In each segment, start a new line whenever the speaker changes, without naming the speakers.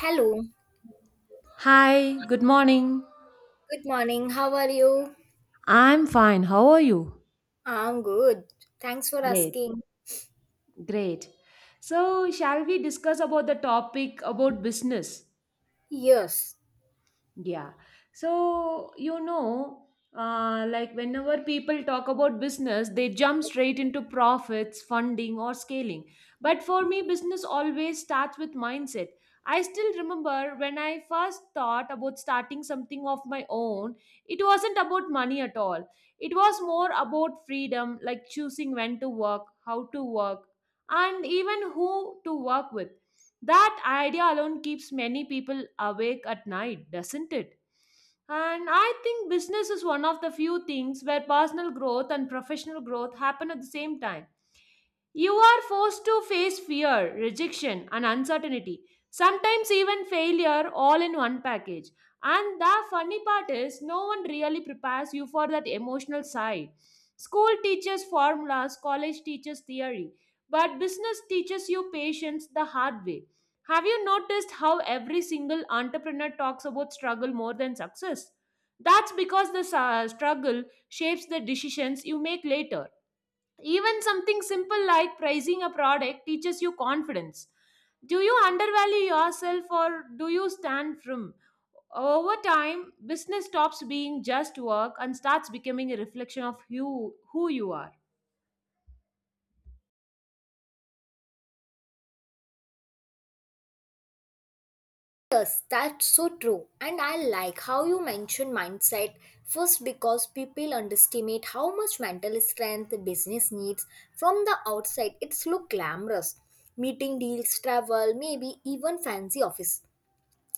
Hello,
Hi, good morning.
good morning. How are you?
I'm fine. How are you?
I'm good. Thanks for
Great,
asking.
great. So, shall we discuss about the topic about business?
Yes,
Yeah. So, you know, like whenever people talk about business, they jump straight into profits, funding, or scaling. But for me, business always starts with mindset. I still remember when I first thought about starting something of my own, it wasn't about money at all. It was more about freedom, like choosing when to work, how to work, and even who to work with. That idea alone keeps many people awake at night, doesn't it? And I think business is one of the few things where personal growth and professional growth happen at the same time. You are forced to face fear, rejection, and uncertainty, sometimes even failure, all in one package. And the funny part is, no one really prepares you for that emotional side. School teaches formulas, college teaches theory, but business teaches you patience the hard way. Have you noticed how every single entrepreneur talks about struggle more than success? That's because the struggle shapes the decisions you make later. Even something simple like pricing a product teaches you confidence. Do you undervalue yourself or do you stand firm? Over time, business stops being just work and starts becoming a reflection of you, who you are.
yes, that's so true. And I like how you mentioned mindset first because people underestimate how much mental strength the business needs. From the outside, it's look glamorous. Meeting deals, travel, maybe even fancy office.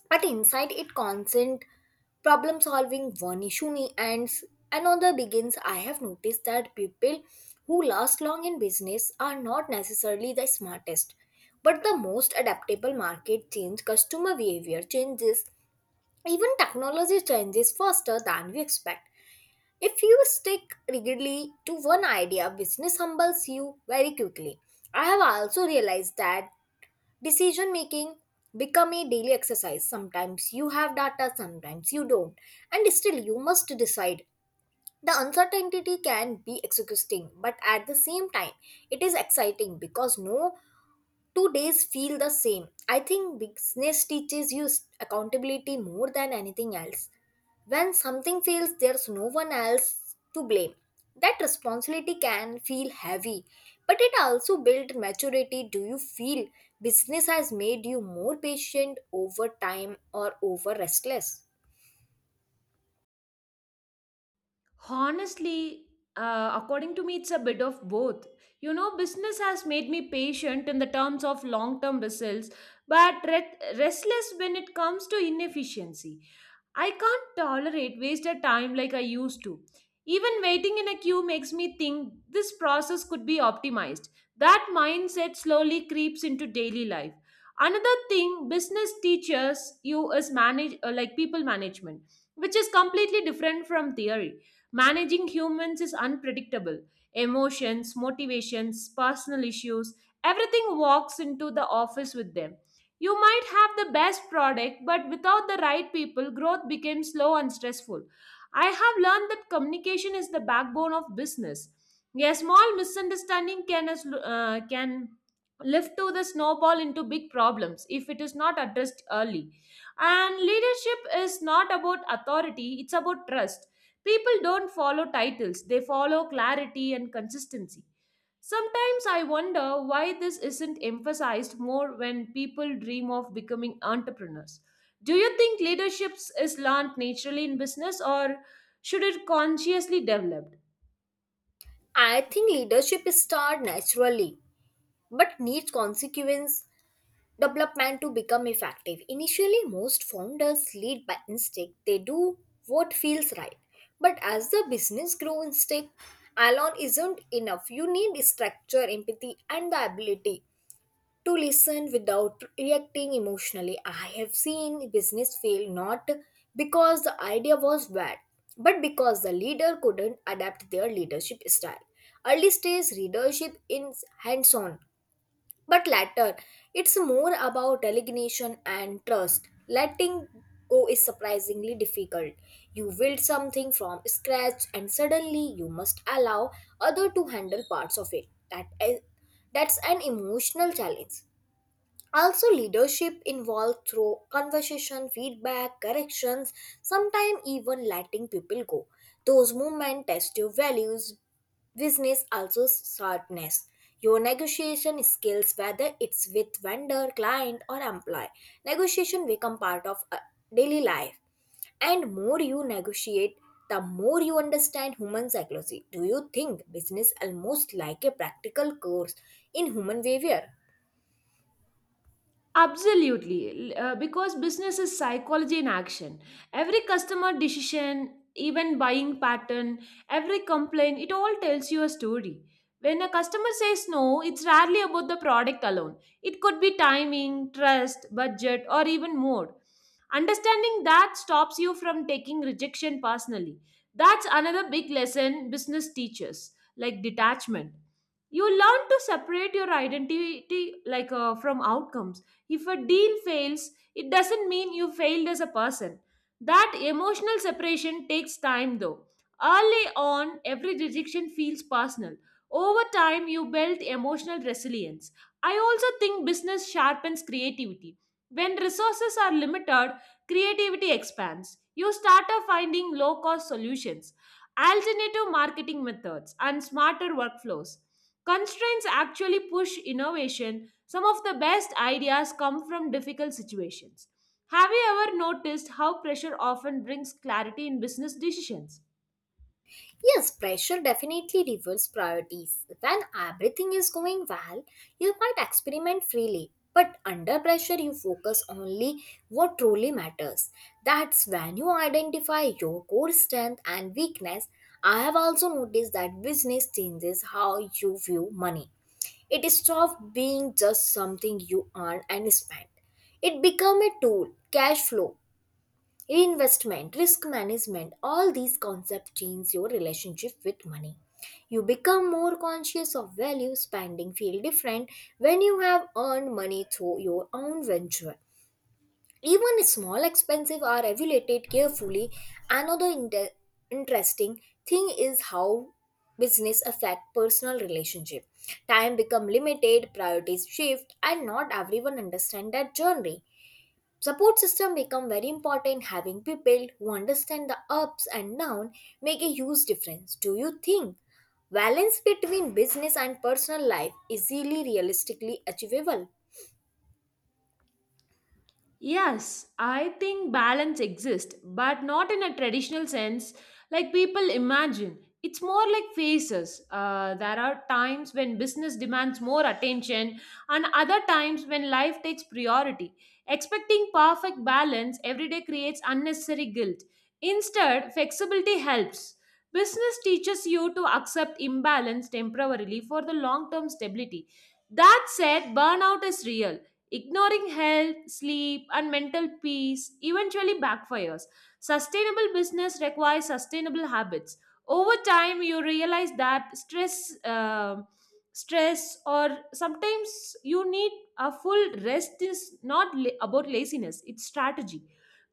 But inside it constant problem solving one issue ends another begins. I have noticed that people who last long in business are not necessarily the smartest, but the most adaptable market change, customer behavior changes, even technology changes faster than we expect. If you stick rigidly to one idea, business humbles you very quickly. I have also realized that decision making become a daily exercise. Sometimes you have data, sometimes you don't, and still you must decide. The uncertainty can be exhausting, but at the same time it is exciting because no 2 days feel the same. I think business teaches you accountability more than anything else. When something fails, there's no one else to blame. That responsibility can feel heavy, but it also builds maturity. Do you feel business has made you more patient over time or over restless?
Honestly, according to me, it's a bit of both. You know, business has made me patient in the terms of long term results, but restless when it comes to inefficiency. I can't tolerate wasted time like I used to. Even waiting in a queue makes me think this process could be optimized. That mindset slowly creeps into daily life. Another thing business teaches you is manage like people management, which is completely different from theory. Managing humans is unpredictable. Emotions, motivations, personal issues, everything walks into the office with them. You might have the best product, but without the right people, growth becomes slow and stressful. I have learned that communication is the backbone of business. A small misunderstanding can lift to the snowball into big problems if it is not addressed early. And leadership is not about authority, it's about trust. People don't follow titles, they follow clarity and consistency. Sometimes I wonder why this isn't emphasized more when people dream of becoming entrepreneurs. Do you think leadership is learned naturally in business or should it consciously developed?
I think leadership is naturally, but needs consequence development to become effective. Initially, most founders lead by instinct, they do what feels right. But as the business grows, instinct alone isn't enough. You need structure, empathy, and the ability to listen without reacting emotionally. I have seen business fail not because the idea was bad, but because the leader couldn't adapt their leadership style. Early stage leadership is hands on, but latter, it's more about delegation and trust. Letting go is surprisingly difficult. You build something from scratch and suddenly you must allow other to handle parts of it. That's an emotional challenge. Also, leadership involved through conversation, feedback, corrections, sometimes even letting people go. Those movements test your values, business also sharpness. Your negotiation skills, whether it's with vendor, client, or employee, negotiation become part of daily life. And more you negotiate, the more you understand human psychology. Do you think business almost like a practical course in human behavior?
Absolutely, because business is psychology in action. Every customer decision, even buying pattern, every complaint, it all tells you a story. When a customer says no, it's rarely about the product alone. It could be timing, trust, budget, or even mood. Understanding that stops you from taking rejection personally. That's another big lesson business teaches, like detachment. You learn to separate your identity from outcomes. If a deal fails, it doesn't mean you failed as a person. That emotional separation takes time though. Early on, every rejection feels personal. Over time, you build emotional resilience. I also think business sharpens creativity. When resources are limited, creativity expands. You start finding low cost solutions, alternative marketing methods, and smarter workflows. Constraints actually push innovation, some of the best ideas come from difficult situations. Have you ever noticed how pressure often brings clarity in business decisions?
Yes, pressure definitely reverses priorities. When everything is going well, you might experiment freely. But under pressure, you focus only what truly matters. That's when you identify your core strength and weakness. I have also noticed that business changes how you view money. It stops being just something you earn and spend. It becomes a tool, cash flow, investment, risk management, all these concepts change your relationship with money. You become more conscious of value, spending feel different when you have earned money through your own venture. Even small expenses are evaluated carefully. Another interesting thing is how business affect personal relationship. Time become limited, priorities shift, and not everyone understand that journey. Support system become very important. Having people who understand the ups and down make a huge difference. Do you think balance between business and personal life easily realistically achievable?
Yes, I think balance exists, but not in a traditional sense like people imagine. It's more like phases. There are times when business demands more attention, and other times when life takes priority. Expecting perfect balance every day creates unnecessary guilt. Instead, flexibility helps. Business teaches you to accept imbalance temporarily for the long term stability. That said, burnout is real. Ignoring health, sleep, and mental peace eventually backfires. Sustainable business requires sustainable habits. Over time, you realize that stress, or sometimes you need a full rest is not la- about laziness, it's strategy.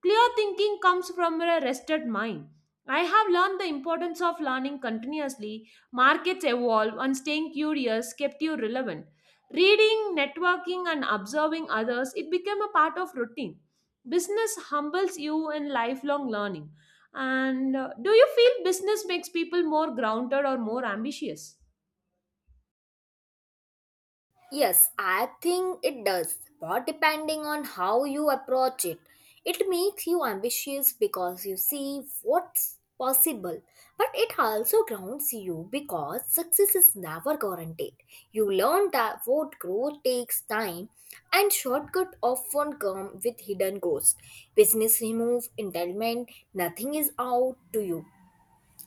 Clear thinking comes from a rested mind. I have learned the importance of learning continuously. Markets evolve, and staying curious kept you relevant. Reading, networking, and observing others, it became a part of routine. Business humbles you in lifelong learning. And do you feel business makes people more grounded or more ambitious?
Yes, I think it does, but depending on how you approach it, it makes you ambitious because you see what's possible. But it also grounds you because success is never guaranteed. You learn that what growth takes time and shortcut often come with hidden goals. Business remove entitlement, nothing is out to you.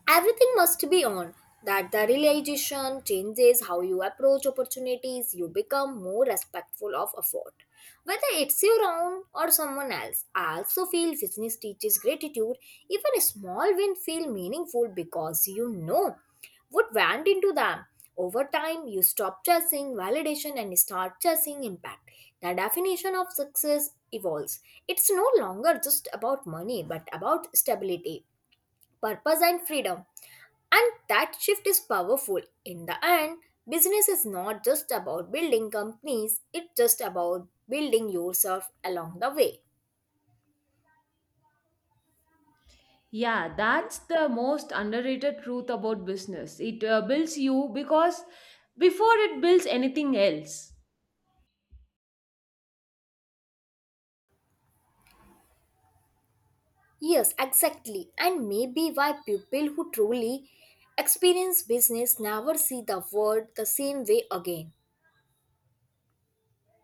Everything must be on. That the realization changes how you approach opportunities, you become more respectful of effort. Whether it's your own or someone else, I also feel business teaches gratitude. Even a small win feel meaningful because you know what went into them. Over time, you stop chasing validation and start chasing impact. The definition of success evolves. It's no longer just about money, but about stability, purpose, and freedom. And that shift is powerful. In the end, business is not just about building companies, it's just about building yourself along the way.
Yeah, that's the most underrated truth about business. It builds you because before it builds anything else.
Yes, exactly. And maybe why people who truly experience business never see the world the same way again.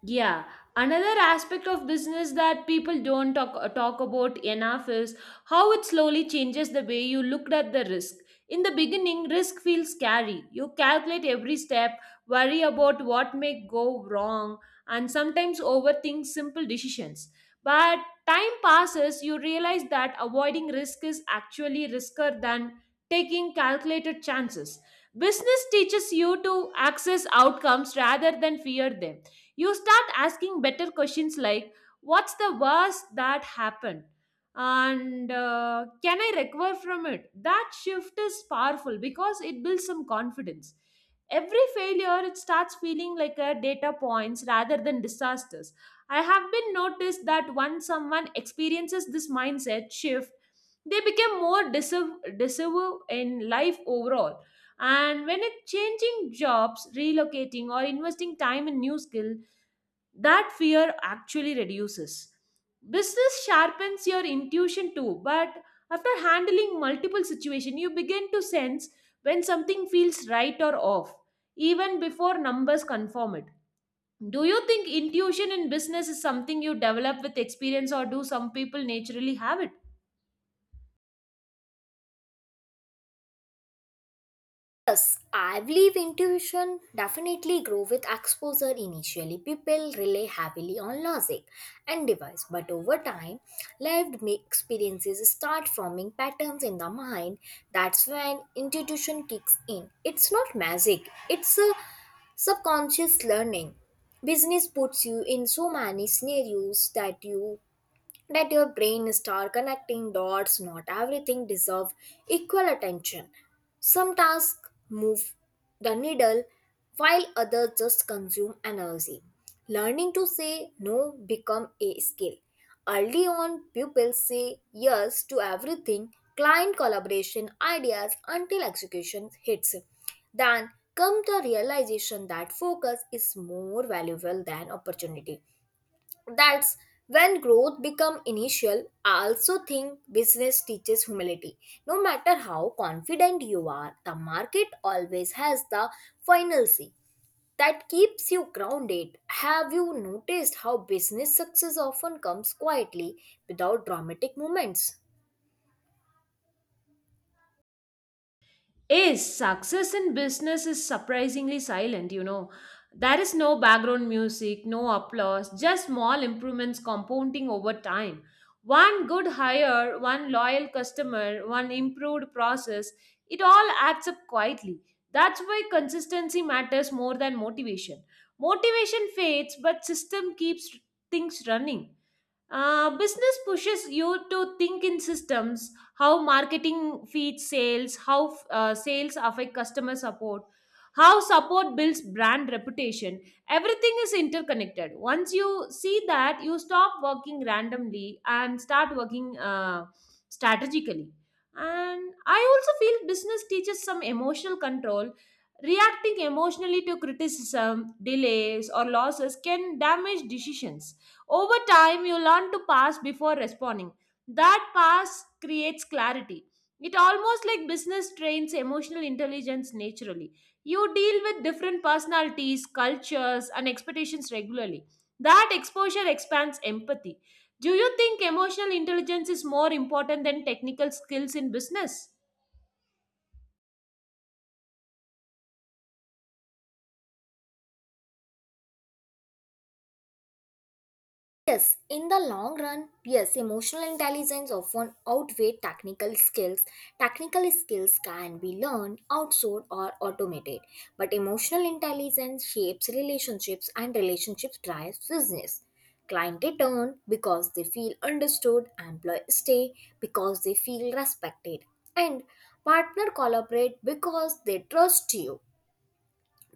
Yeah, another aspect of business that people don't talk, talk about enough is how it slowly changes the way you looked at the risk. In the beginning, risk feels scary. You calculate every step, worry about what may go wrong, and sometimes overthink simple decisions. But time passes, you realize that avoiding risk is actually riskier than taking calculated chances. Business teaches you to access outcomes rather than fear them. You start asking better questions like, what's the worst that happened? And can I recover from it? That shift is powerful because it builds some confidence. Every failure, it starts feeling like a data points rather than disasters. I have been noticed that once someone experiences this mindset shift, they become more decisive in life overall. And when it's changing jobs, relocating, or investing time in new skill, that fear actually reduces. Business sharpens your intuition too, but after handling multiple situations, you begin to sense when something feels right or off, even before numbers confirm it. Do you think intuition in business is something you develop with experience, or do some people naturally have it?
Yes, I believe intuition definitely grow with exposure initially. People rely heavily on logic and device, but over time, lived experiences start forming patterns in the mind. That's when intuition kicks in. It's not magic, it's a subconscious learning. Business puts you in so many scenarios that you that your brain start connecting dots. Not everything deserve equal attention, some tasks move the needle while others just consume energy. Learning to say no become a skill. Early on pupils say yes to everything, client collaboration, ideas, until execution hits. Then come the realization that focus is more valuable than opportunity. That's when growth become initial. I also think business teaches humility. No matter how confident you are, the market always has the final say. That keeps you grounded. Have you noticed how business success often comes quietly without dramatic moments?
Is success in business is surprisingly silent, you know. There is no background music, no applause, just small improvements compounding over time. One good hire, one loyal customer, one improved process, it all adds up quietly. That's why consistency matters more than motivation. Motivation fades but system keeps things running. Business pushes you to think in systems, how marketing feeds sales, how sales affect customer support, how support builds brand reputation. Everything is interconnected. Once you see that, you stop working randomly and start working strategically. And I also feel business teaches some emotional control. Reacting emotionally to criticism, delays, or losses can damage decisions. Over time, you learn to pass before responding. That pass creates clarity. It almost like business trains emotional intelligence naturally. You deal with different personalities, cultures, and expectations regularly. That exposure expands empathy. Do you think emotional intelligence is more important than technical skills in business?
Yes, in the long run, yes, emotional intelligence often outweighs technical skills. Technical skills can be learned, outsourced, or automated, but emotional intelligence shapes relationships and relationships drives business. Clients return because they feel understood, employees stay because they feel respected, and partner collaborate because they trust you.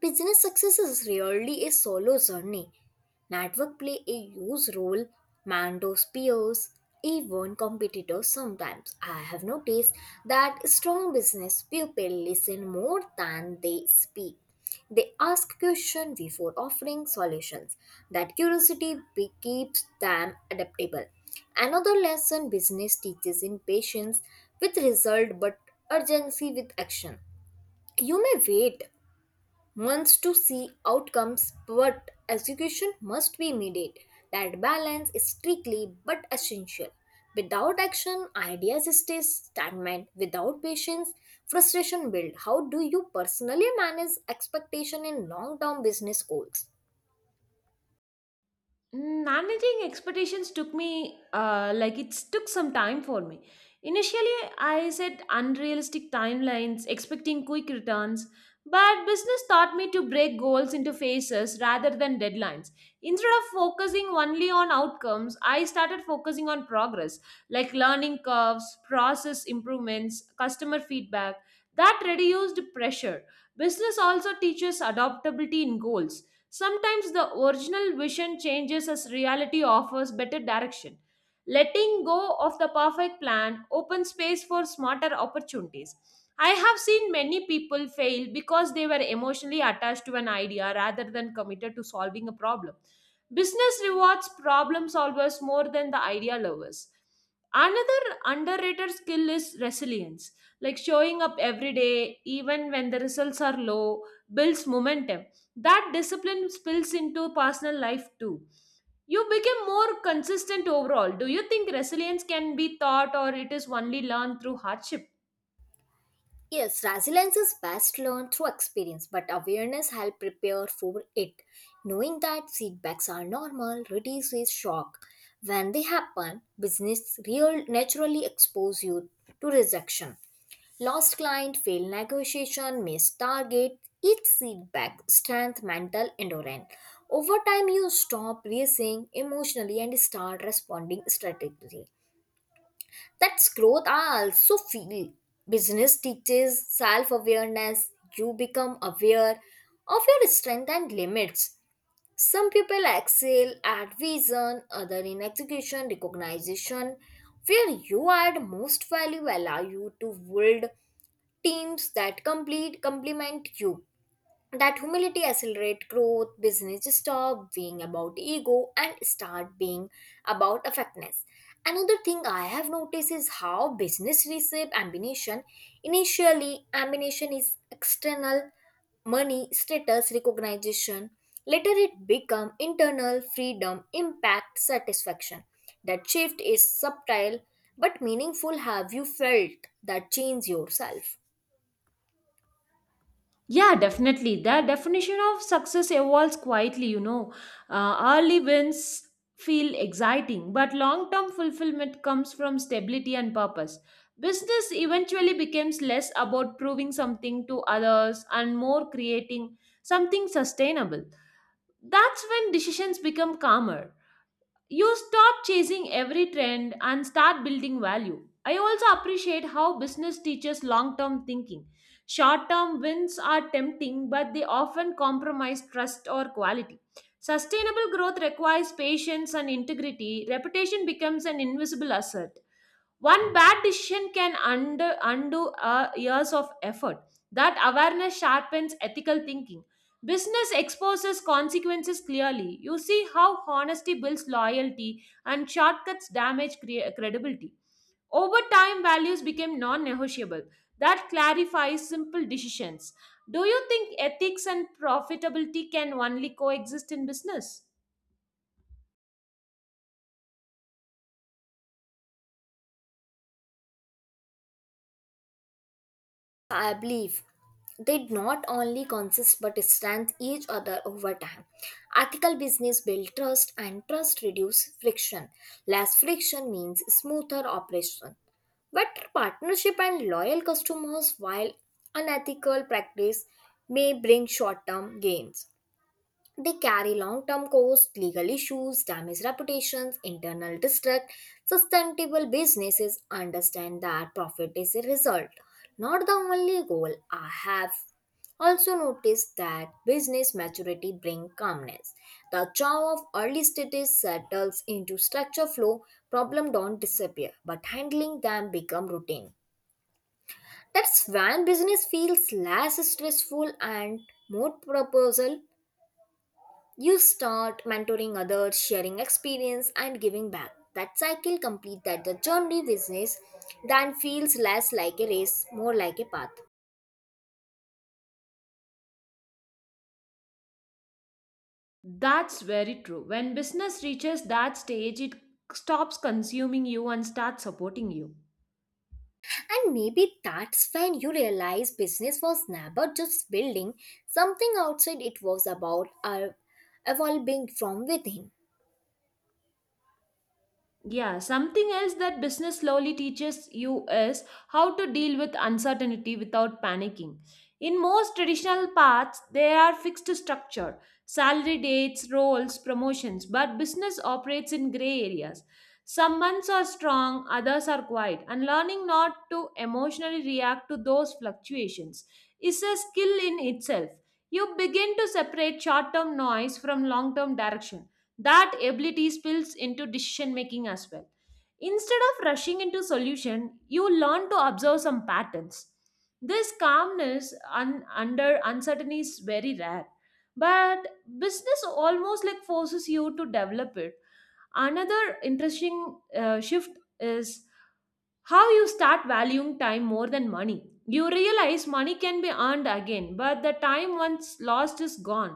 Business success is rarely a solo journey. Network play a huge role, Mando's peers, even competitors sometimes. I have noticed that strong business people listen more than they speak. They ask questions before offering solutions. That curiosity keeps them adaptable. Another lesson business teaches in patience with result, but urgency with action. You may wait wants to see outcomes, but execution must be immediate. That balance is strictly but essential. Without action, ideas stay stagnant. Without patience, frustration builds. How do you personally manage expectation in long-term business goals?
Mm, managing expectations took me, it took some time for me. Initially, I set unrealistic timelines, expecting quick returns, but business taught me to break goals into phases rather than deadlines. Instead of focusing only on outcomes, I started focusing on progress, like learning curves, process improvements, customer feedback. That reduced pressure. Business also teaches adaptability in goals. Sometimes the original vision changes as reality offers better direction. Letting go of the perfect plan opens space for smarter opportunities. I have seen many people fail because they were emotionally attached to an idea rather than committed to solving a problem. Business rewards problem solvers more than the idea lovers. Another underrated skill is resilience, like showing up every day, even when the results are low, builds momentum. That discipline spills into personal life too. You become more consistent overall. Do you think resilience can be taught or it is only learned through hardship?
Yes, resilience is best learned through experience, but awareness helps prepare for it. Knowing that setbacks are normal reduces shock. When they happen, business real naturally expose you to rejection. Lost client, failed negotiation, missed target. Each setback strength mental endurance. Over time, you stop racing emotionally and start responding strategically. That's growth. I also feel business teaches self awareness. You become aware of your strength and limits. Some people excel at vision, other in execution, recognition. Where you add most value allow you to build teams that complete complement you. That humility accelerate growth. Business stop being about ego and start being about effectiveness. Another thing I have noticed is how business receive ambition. Initially ambition is external, money, status, recognition. Later it become internal, freedom, impact, satisfaction. That shift is subtle but meaningful. Have you felt that change yourself?
Yeah, definitely. The definition of success evolves quietly, you know. Early wins feel exciting, but long term fulfillment comes from stability and purpose. Business eventually becomes less about proving something to others and more creating something sustainable. That's when decisions become calmer. You stop chasing every trend and start building value. I also appreciate how business teaches long term thinking. Short term wins are tempting, but they often compromise trust or quality. Sustainable growth requires patience and integrity. Reputation becomes an invisible asset. One bad decision can undo years of effort. That awareness sharpens ethical thinking. Business exposes consequences clearly. You see how honesty builds loyalty and shortcuts damage credibility. Over time, values became non negotiable. That clarifies simple decisions. Do you think ethics and profitability can only coexist in business?
I believe they not only consist but strengthen each other over time. Ethical business build trust and trust reduce friction. Less friction means smoother operation. Better partnership and loyal customers, while unethical practice may bring short-term gains. They carry long term costs, legal issues, damaged reputations, internal distrust. Sustainable businesses understand that profit is a result, not the only goal. I have also noticed that business maturity brings calmness. The jaw of early stages settles into structure flow, problems don't disappear, but handling them become routine. That's when business feels less stressful and more purposeful. You start mentoring others, sharing experience, and giving back. That cycle complete, that the journey. Business then feels less like a race, more like a path.
That's very true. When business reaches that stage, it stops consuming you and starts supporting you.
And maybe that's when you realize business was never just building something outside, it was about evolving from within.
Yeah, something else that business slowly teaches you is how to deal with uncertainty without panicking. In most traditional paths, there are fixed structure, salary dates, roles, promotions, but business operates in gray areas. Some months are strong, others are quiet, and learning not to emotionally react to those fluctuations is a skill in itself. You begin to separate short term noise from long term direction. That ability spills into decision making as well. Instead of rushing into solution, you learn to observe some patterns. This calmness under uncertainty is very rare, but business almost like forces you to develop it. Another interesting shift is how you start valuing time more than money. You realize money can be earned again, but the time once lost is gone.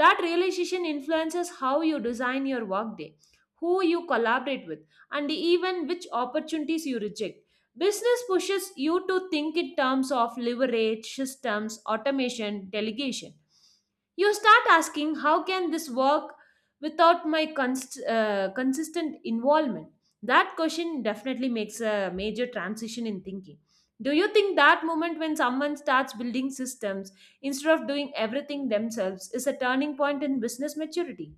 That realization influences how you design your workday, who you collaborate with, and even which opportunities you reject. Business pushes you to think in terms of leverage, systems, automation, delegation. You start asking, how can this work without my consistent involvement? That question definitely makes a major transition in thinking. Do you think that moment when someone starts building systems, instead of doing everything themselves, is a turning point in business maturity?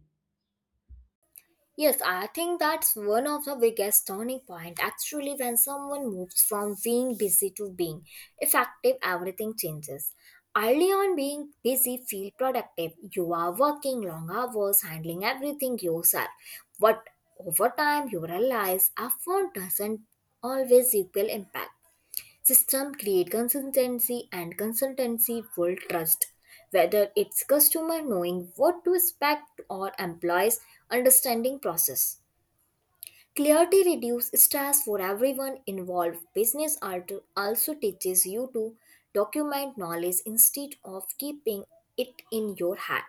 Yes, I think that's one of the biggest turning point. Actually, when someone moves from being busy to being effective, everything changes. Early on, being busy feel productive. You are working long hours, handling everything yourself. But over time, you realize effort doesn't always equal impact. System create consistency and consultancy build trust. Whether it's customer knowing what to expect or employees understanding process. Clarity reduces stress for everyone involved. Business art also teaches you to document knowledge instead of keeping it in your head.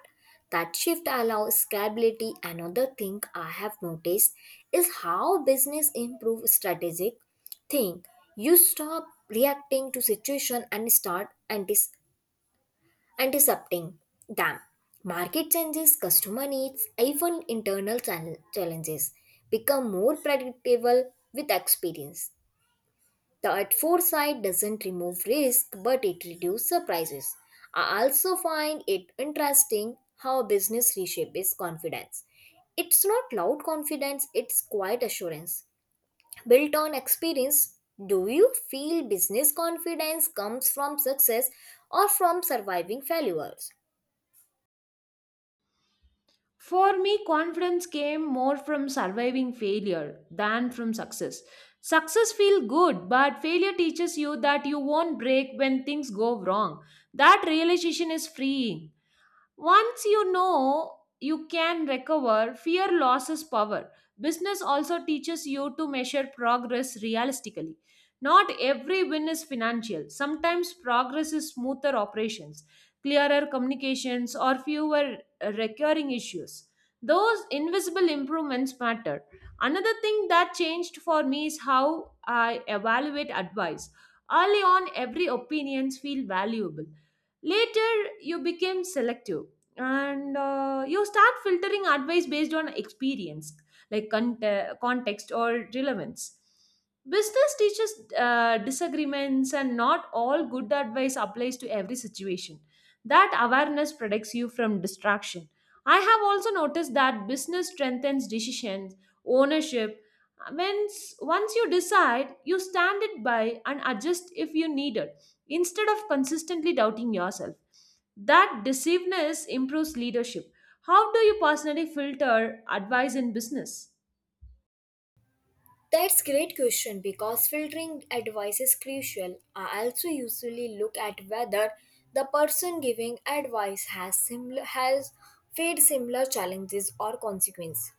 That shift allows scalability. Another thing I have noticed is how business improve strategic think. You stop reacting to situation and start antiseptic them. Market changes, customer needs, even internal challenges become more predictable with experience. That foresight doesn't remove risk, but it reduces surprises. I also find it interesting how business reshapes confidence. It's not loud confidence, it's quiet assurance. Built on experience, do you feel business confidence comes from success or from surviving failures?
For me, confidence came more from surviving failure than from success. Success feels good, but failure teaches you that you won't break when things go wrong. That realization is freeing. Once you know you can recover, fear loses power. Business also teaches you to measure progress realistically. Not every win is financial. Sometimes progress is smoother operations, clearer communications, or fewer recurring issues. Those invisible improvements matter. Another thing that changed for me is how I evaluate advice. Early on, every opinions feel valuable. Later, you became selective, and you start filtering advice based on experience, like context or relevance. Business teaches disagreements, and not all good advice applies to every situation. That awareness protects you from distraction. I have also noticed that business strengthens decisions ownership. Once you decide, you stand it by and adjust if you need it, instead of consistently doubting yourself. That decisiveness improves leadership. How do you personally filter advice in business?
That's great question because filtering advice is crucial. I also usually look at whether the person giving advice has faced similar challenges or consequences.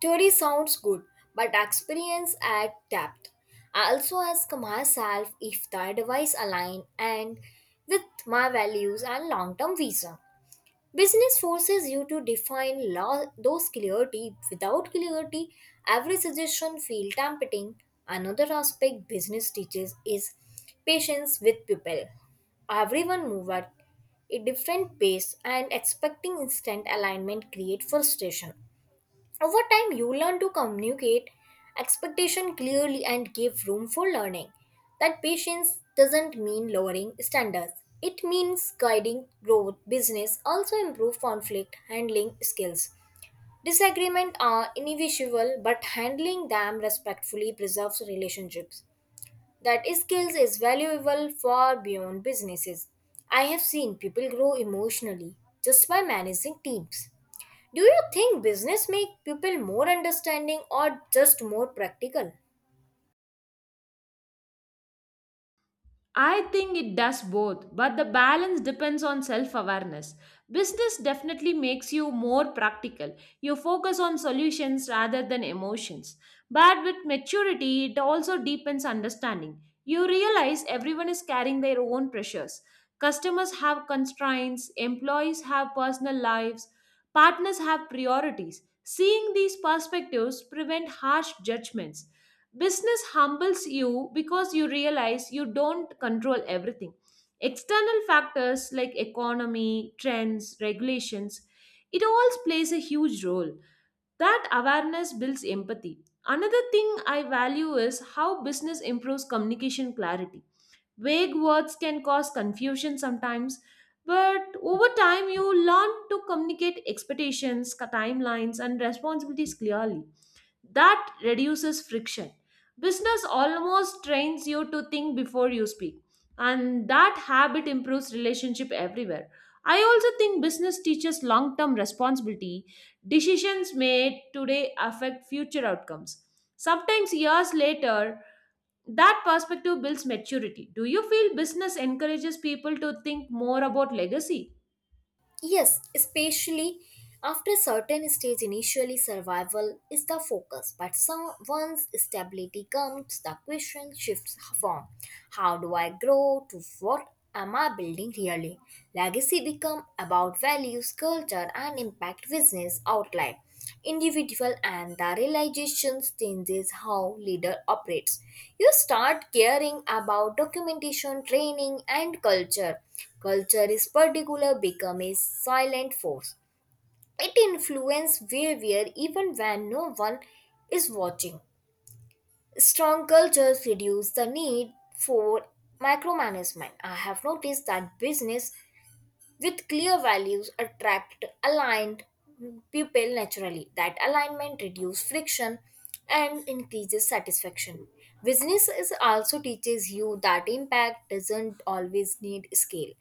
Theory sounds good, but experience adds depth. I also ask myself if the advice align and with my values and long-term vision. Business forces you to define law, those clarity. Without clarity, every suggestion feels tempting. Another aspect business teaches is patience with people. Everyone moves at a different pace and expecting instant alignment creates frustration. Over time, you learn to communicate expectation clearly and give room for learning. That patience doesn't mean lowering standards. It means guiding growth, business, also improve conflict handling skills. Disagreements are inevitable, but handling them respectfully preserves relationships that skills is valuable far beyond businesses. I have seen people grow emotionally just by managing teams. Do you think business make people more understanding or just more practical?
I think it does both, but the balance depends on self awareness. Business definitely makes you more practical. You focus on solutions rather than emotions. But with maturity, it also deepens understanding. You realize everyone is carrying their own pressures. Customers have constraints, employees have personal lives, partners have priorities. Seeing these perspectives prevent harsh judgments. Business humbles you because you realize you don't control everything. External factors like economy, trends, regulations, it all plays a huge role. That awareness builds empathy. Another thing I value is how business improves communication clarity. Vague words can cause confusion sometimes, but over time you learn to communicate expectations, timelines, and responsibilities clearly. That reduces friction. Business almost trains you to think before you speak, and that habit improves relationship everywhere. I also think business teaches long term responsibility. Decisions made today affect future outcomes. Sometimes years later, that perspective builds maturity. Do you feel business encourages people to think more about legacy?
Yes, especially after a certain stage, initially survival is the focus, but some, once stability comes, the question shifts from how do I grow to what am I building really? Legacy become about values, culture, and impact. Business outline, individual, and the realizations changes how leader operates. You start caring about documentation, training, and culture. Culture is particular become a silent force. It influences behavior even when no one is watching. Strong cultures reduce the need for micromanagement. I have noticed that business with clear values attract aligned people naturally. That alignment reduces friction and increases satisfaction. Business is also teaches you that impact doesn't always need scale,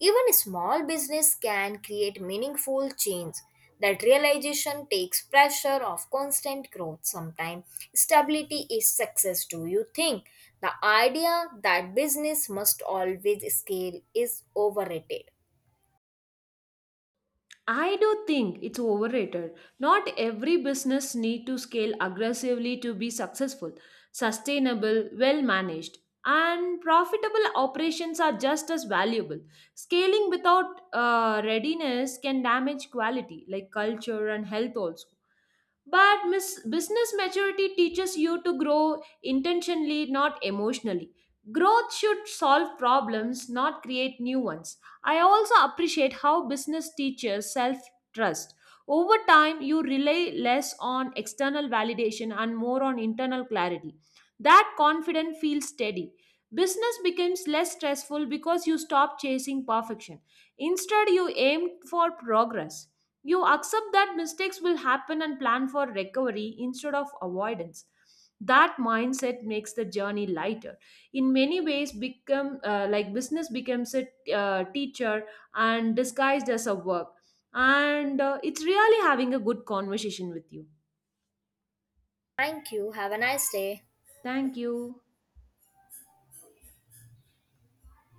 even a small business can create meaningful change. That realization takes pressure off constant growth. Sometimes stability is success. Do you think the idea that business must always scale is overrated?
I do think it's overrated. Not every business need to scale aggressively to be successful. Sustainable, well managed, and profitable operations are just as valuable. Scaling without readiness can damage quality, like culture and health also. But business maturity teaches you to grow intentionally, not emotionally. Growth should solve problems, not create new ones. I also appreciate how business teaches self trust. Over time, you rely less on external validation and more on internal clarity. That confidence feels steady. Business becomes less stressful because you stop chasing perfection. Instead, you aim for progress. You accept that mistakes will happen and plan for recovery instead of avoidance. That mindset makes the journey lighter. In many ways, become like business becomes a teacher and disguised as a work, and it's really having a good conversation with you.
Thank you. Have a nice day.
Thank you.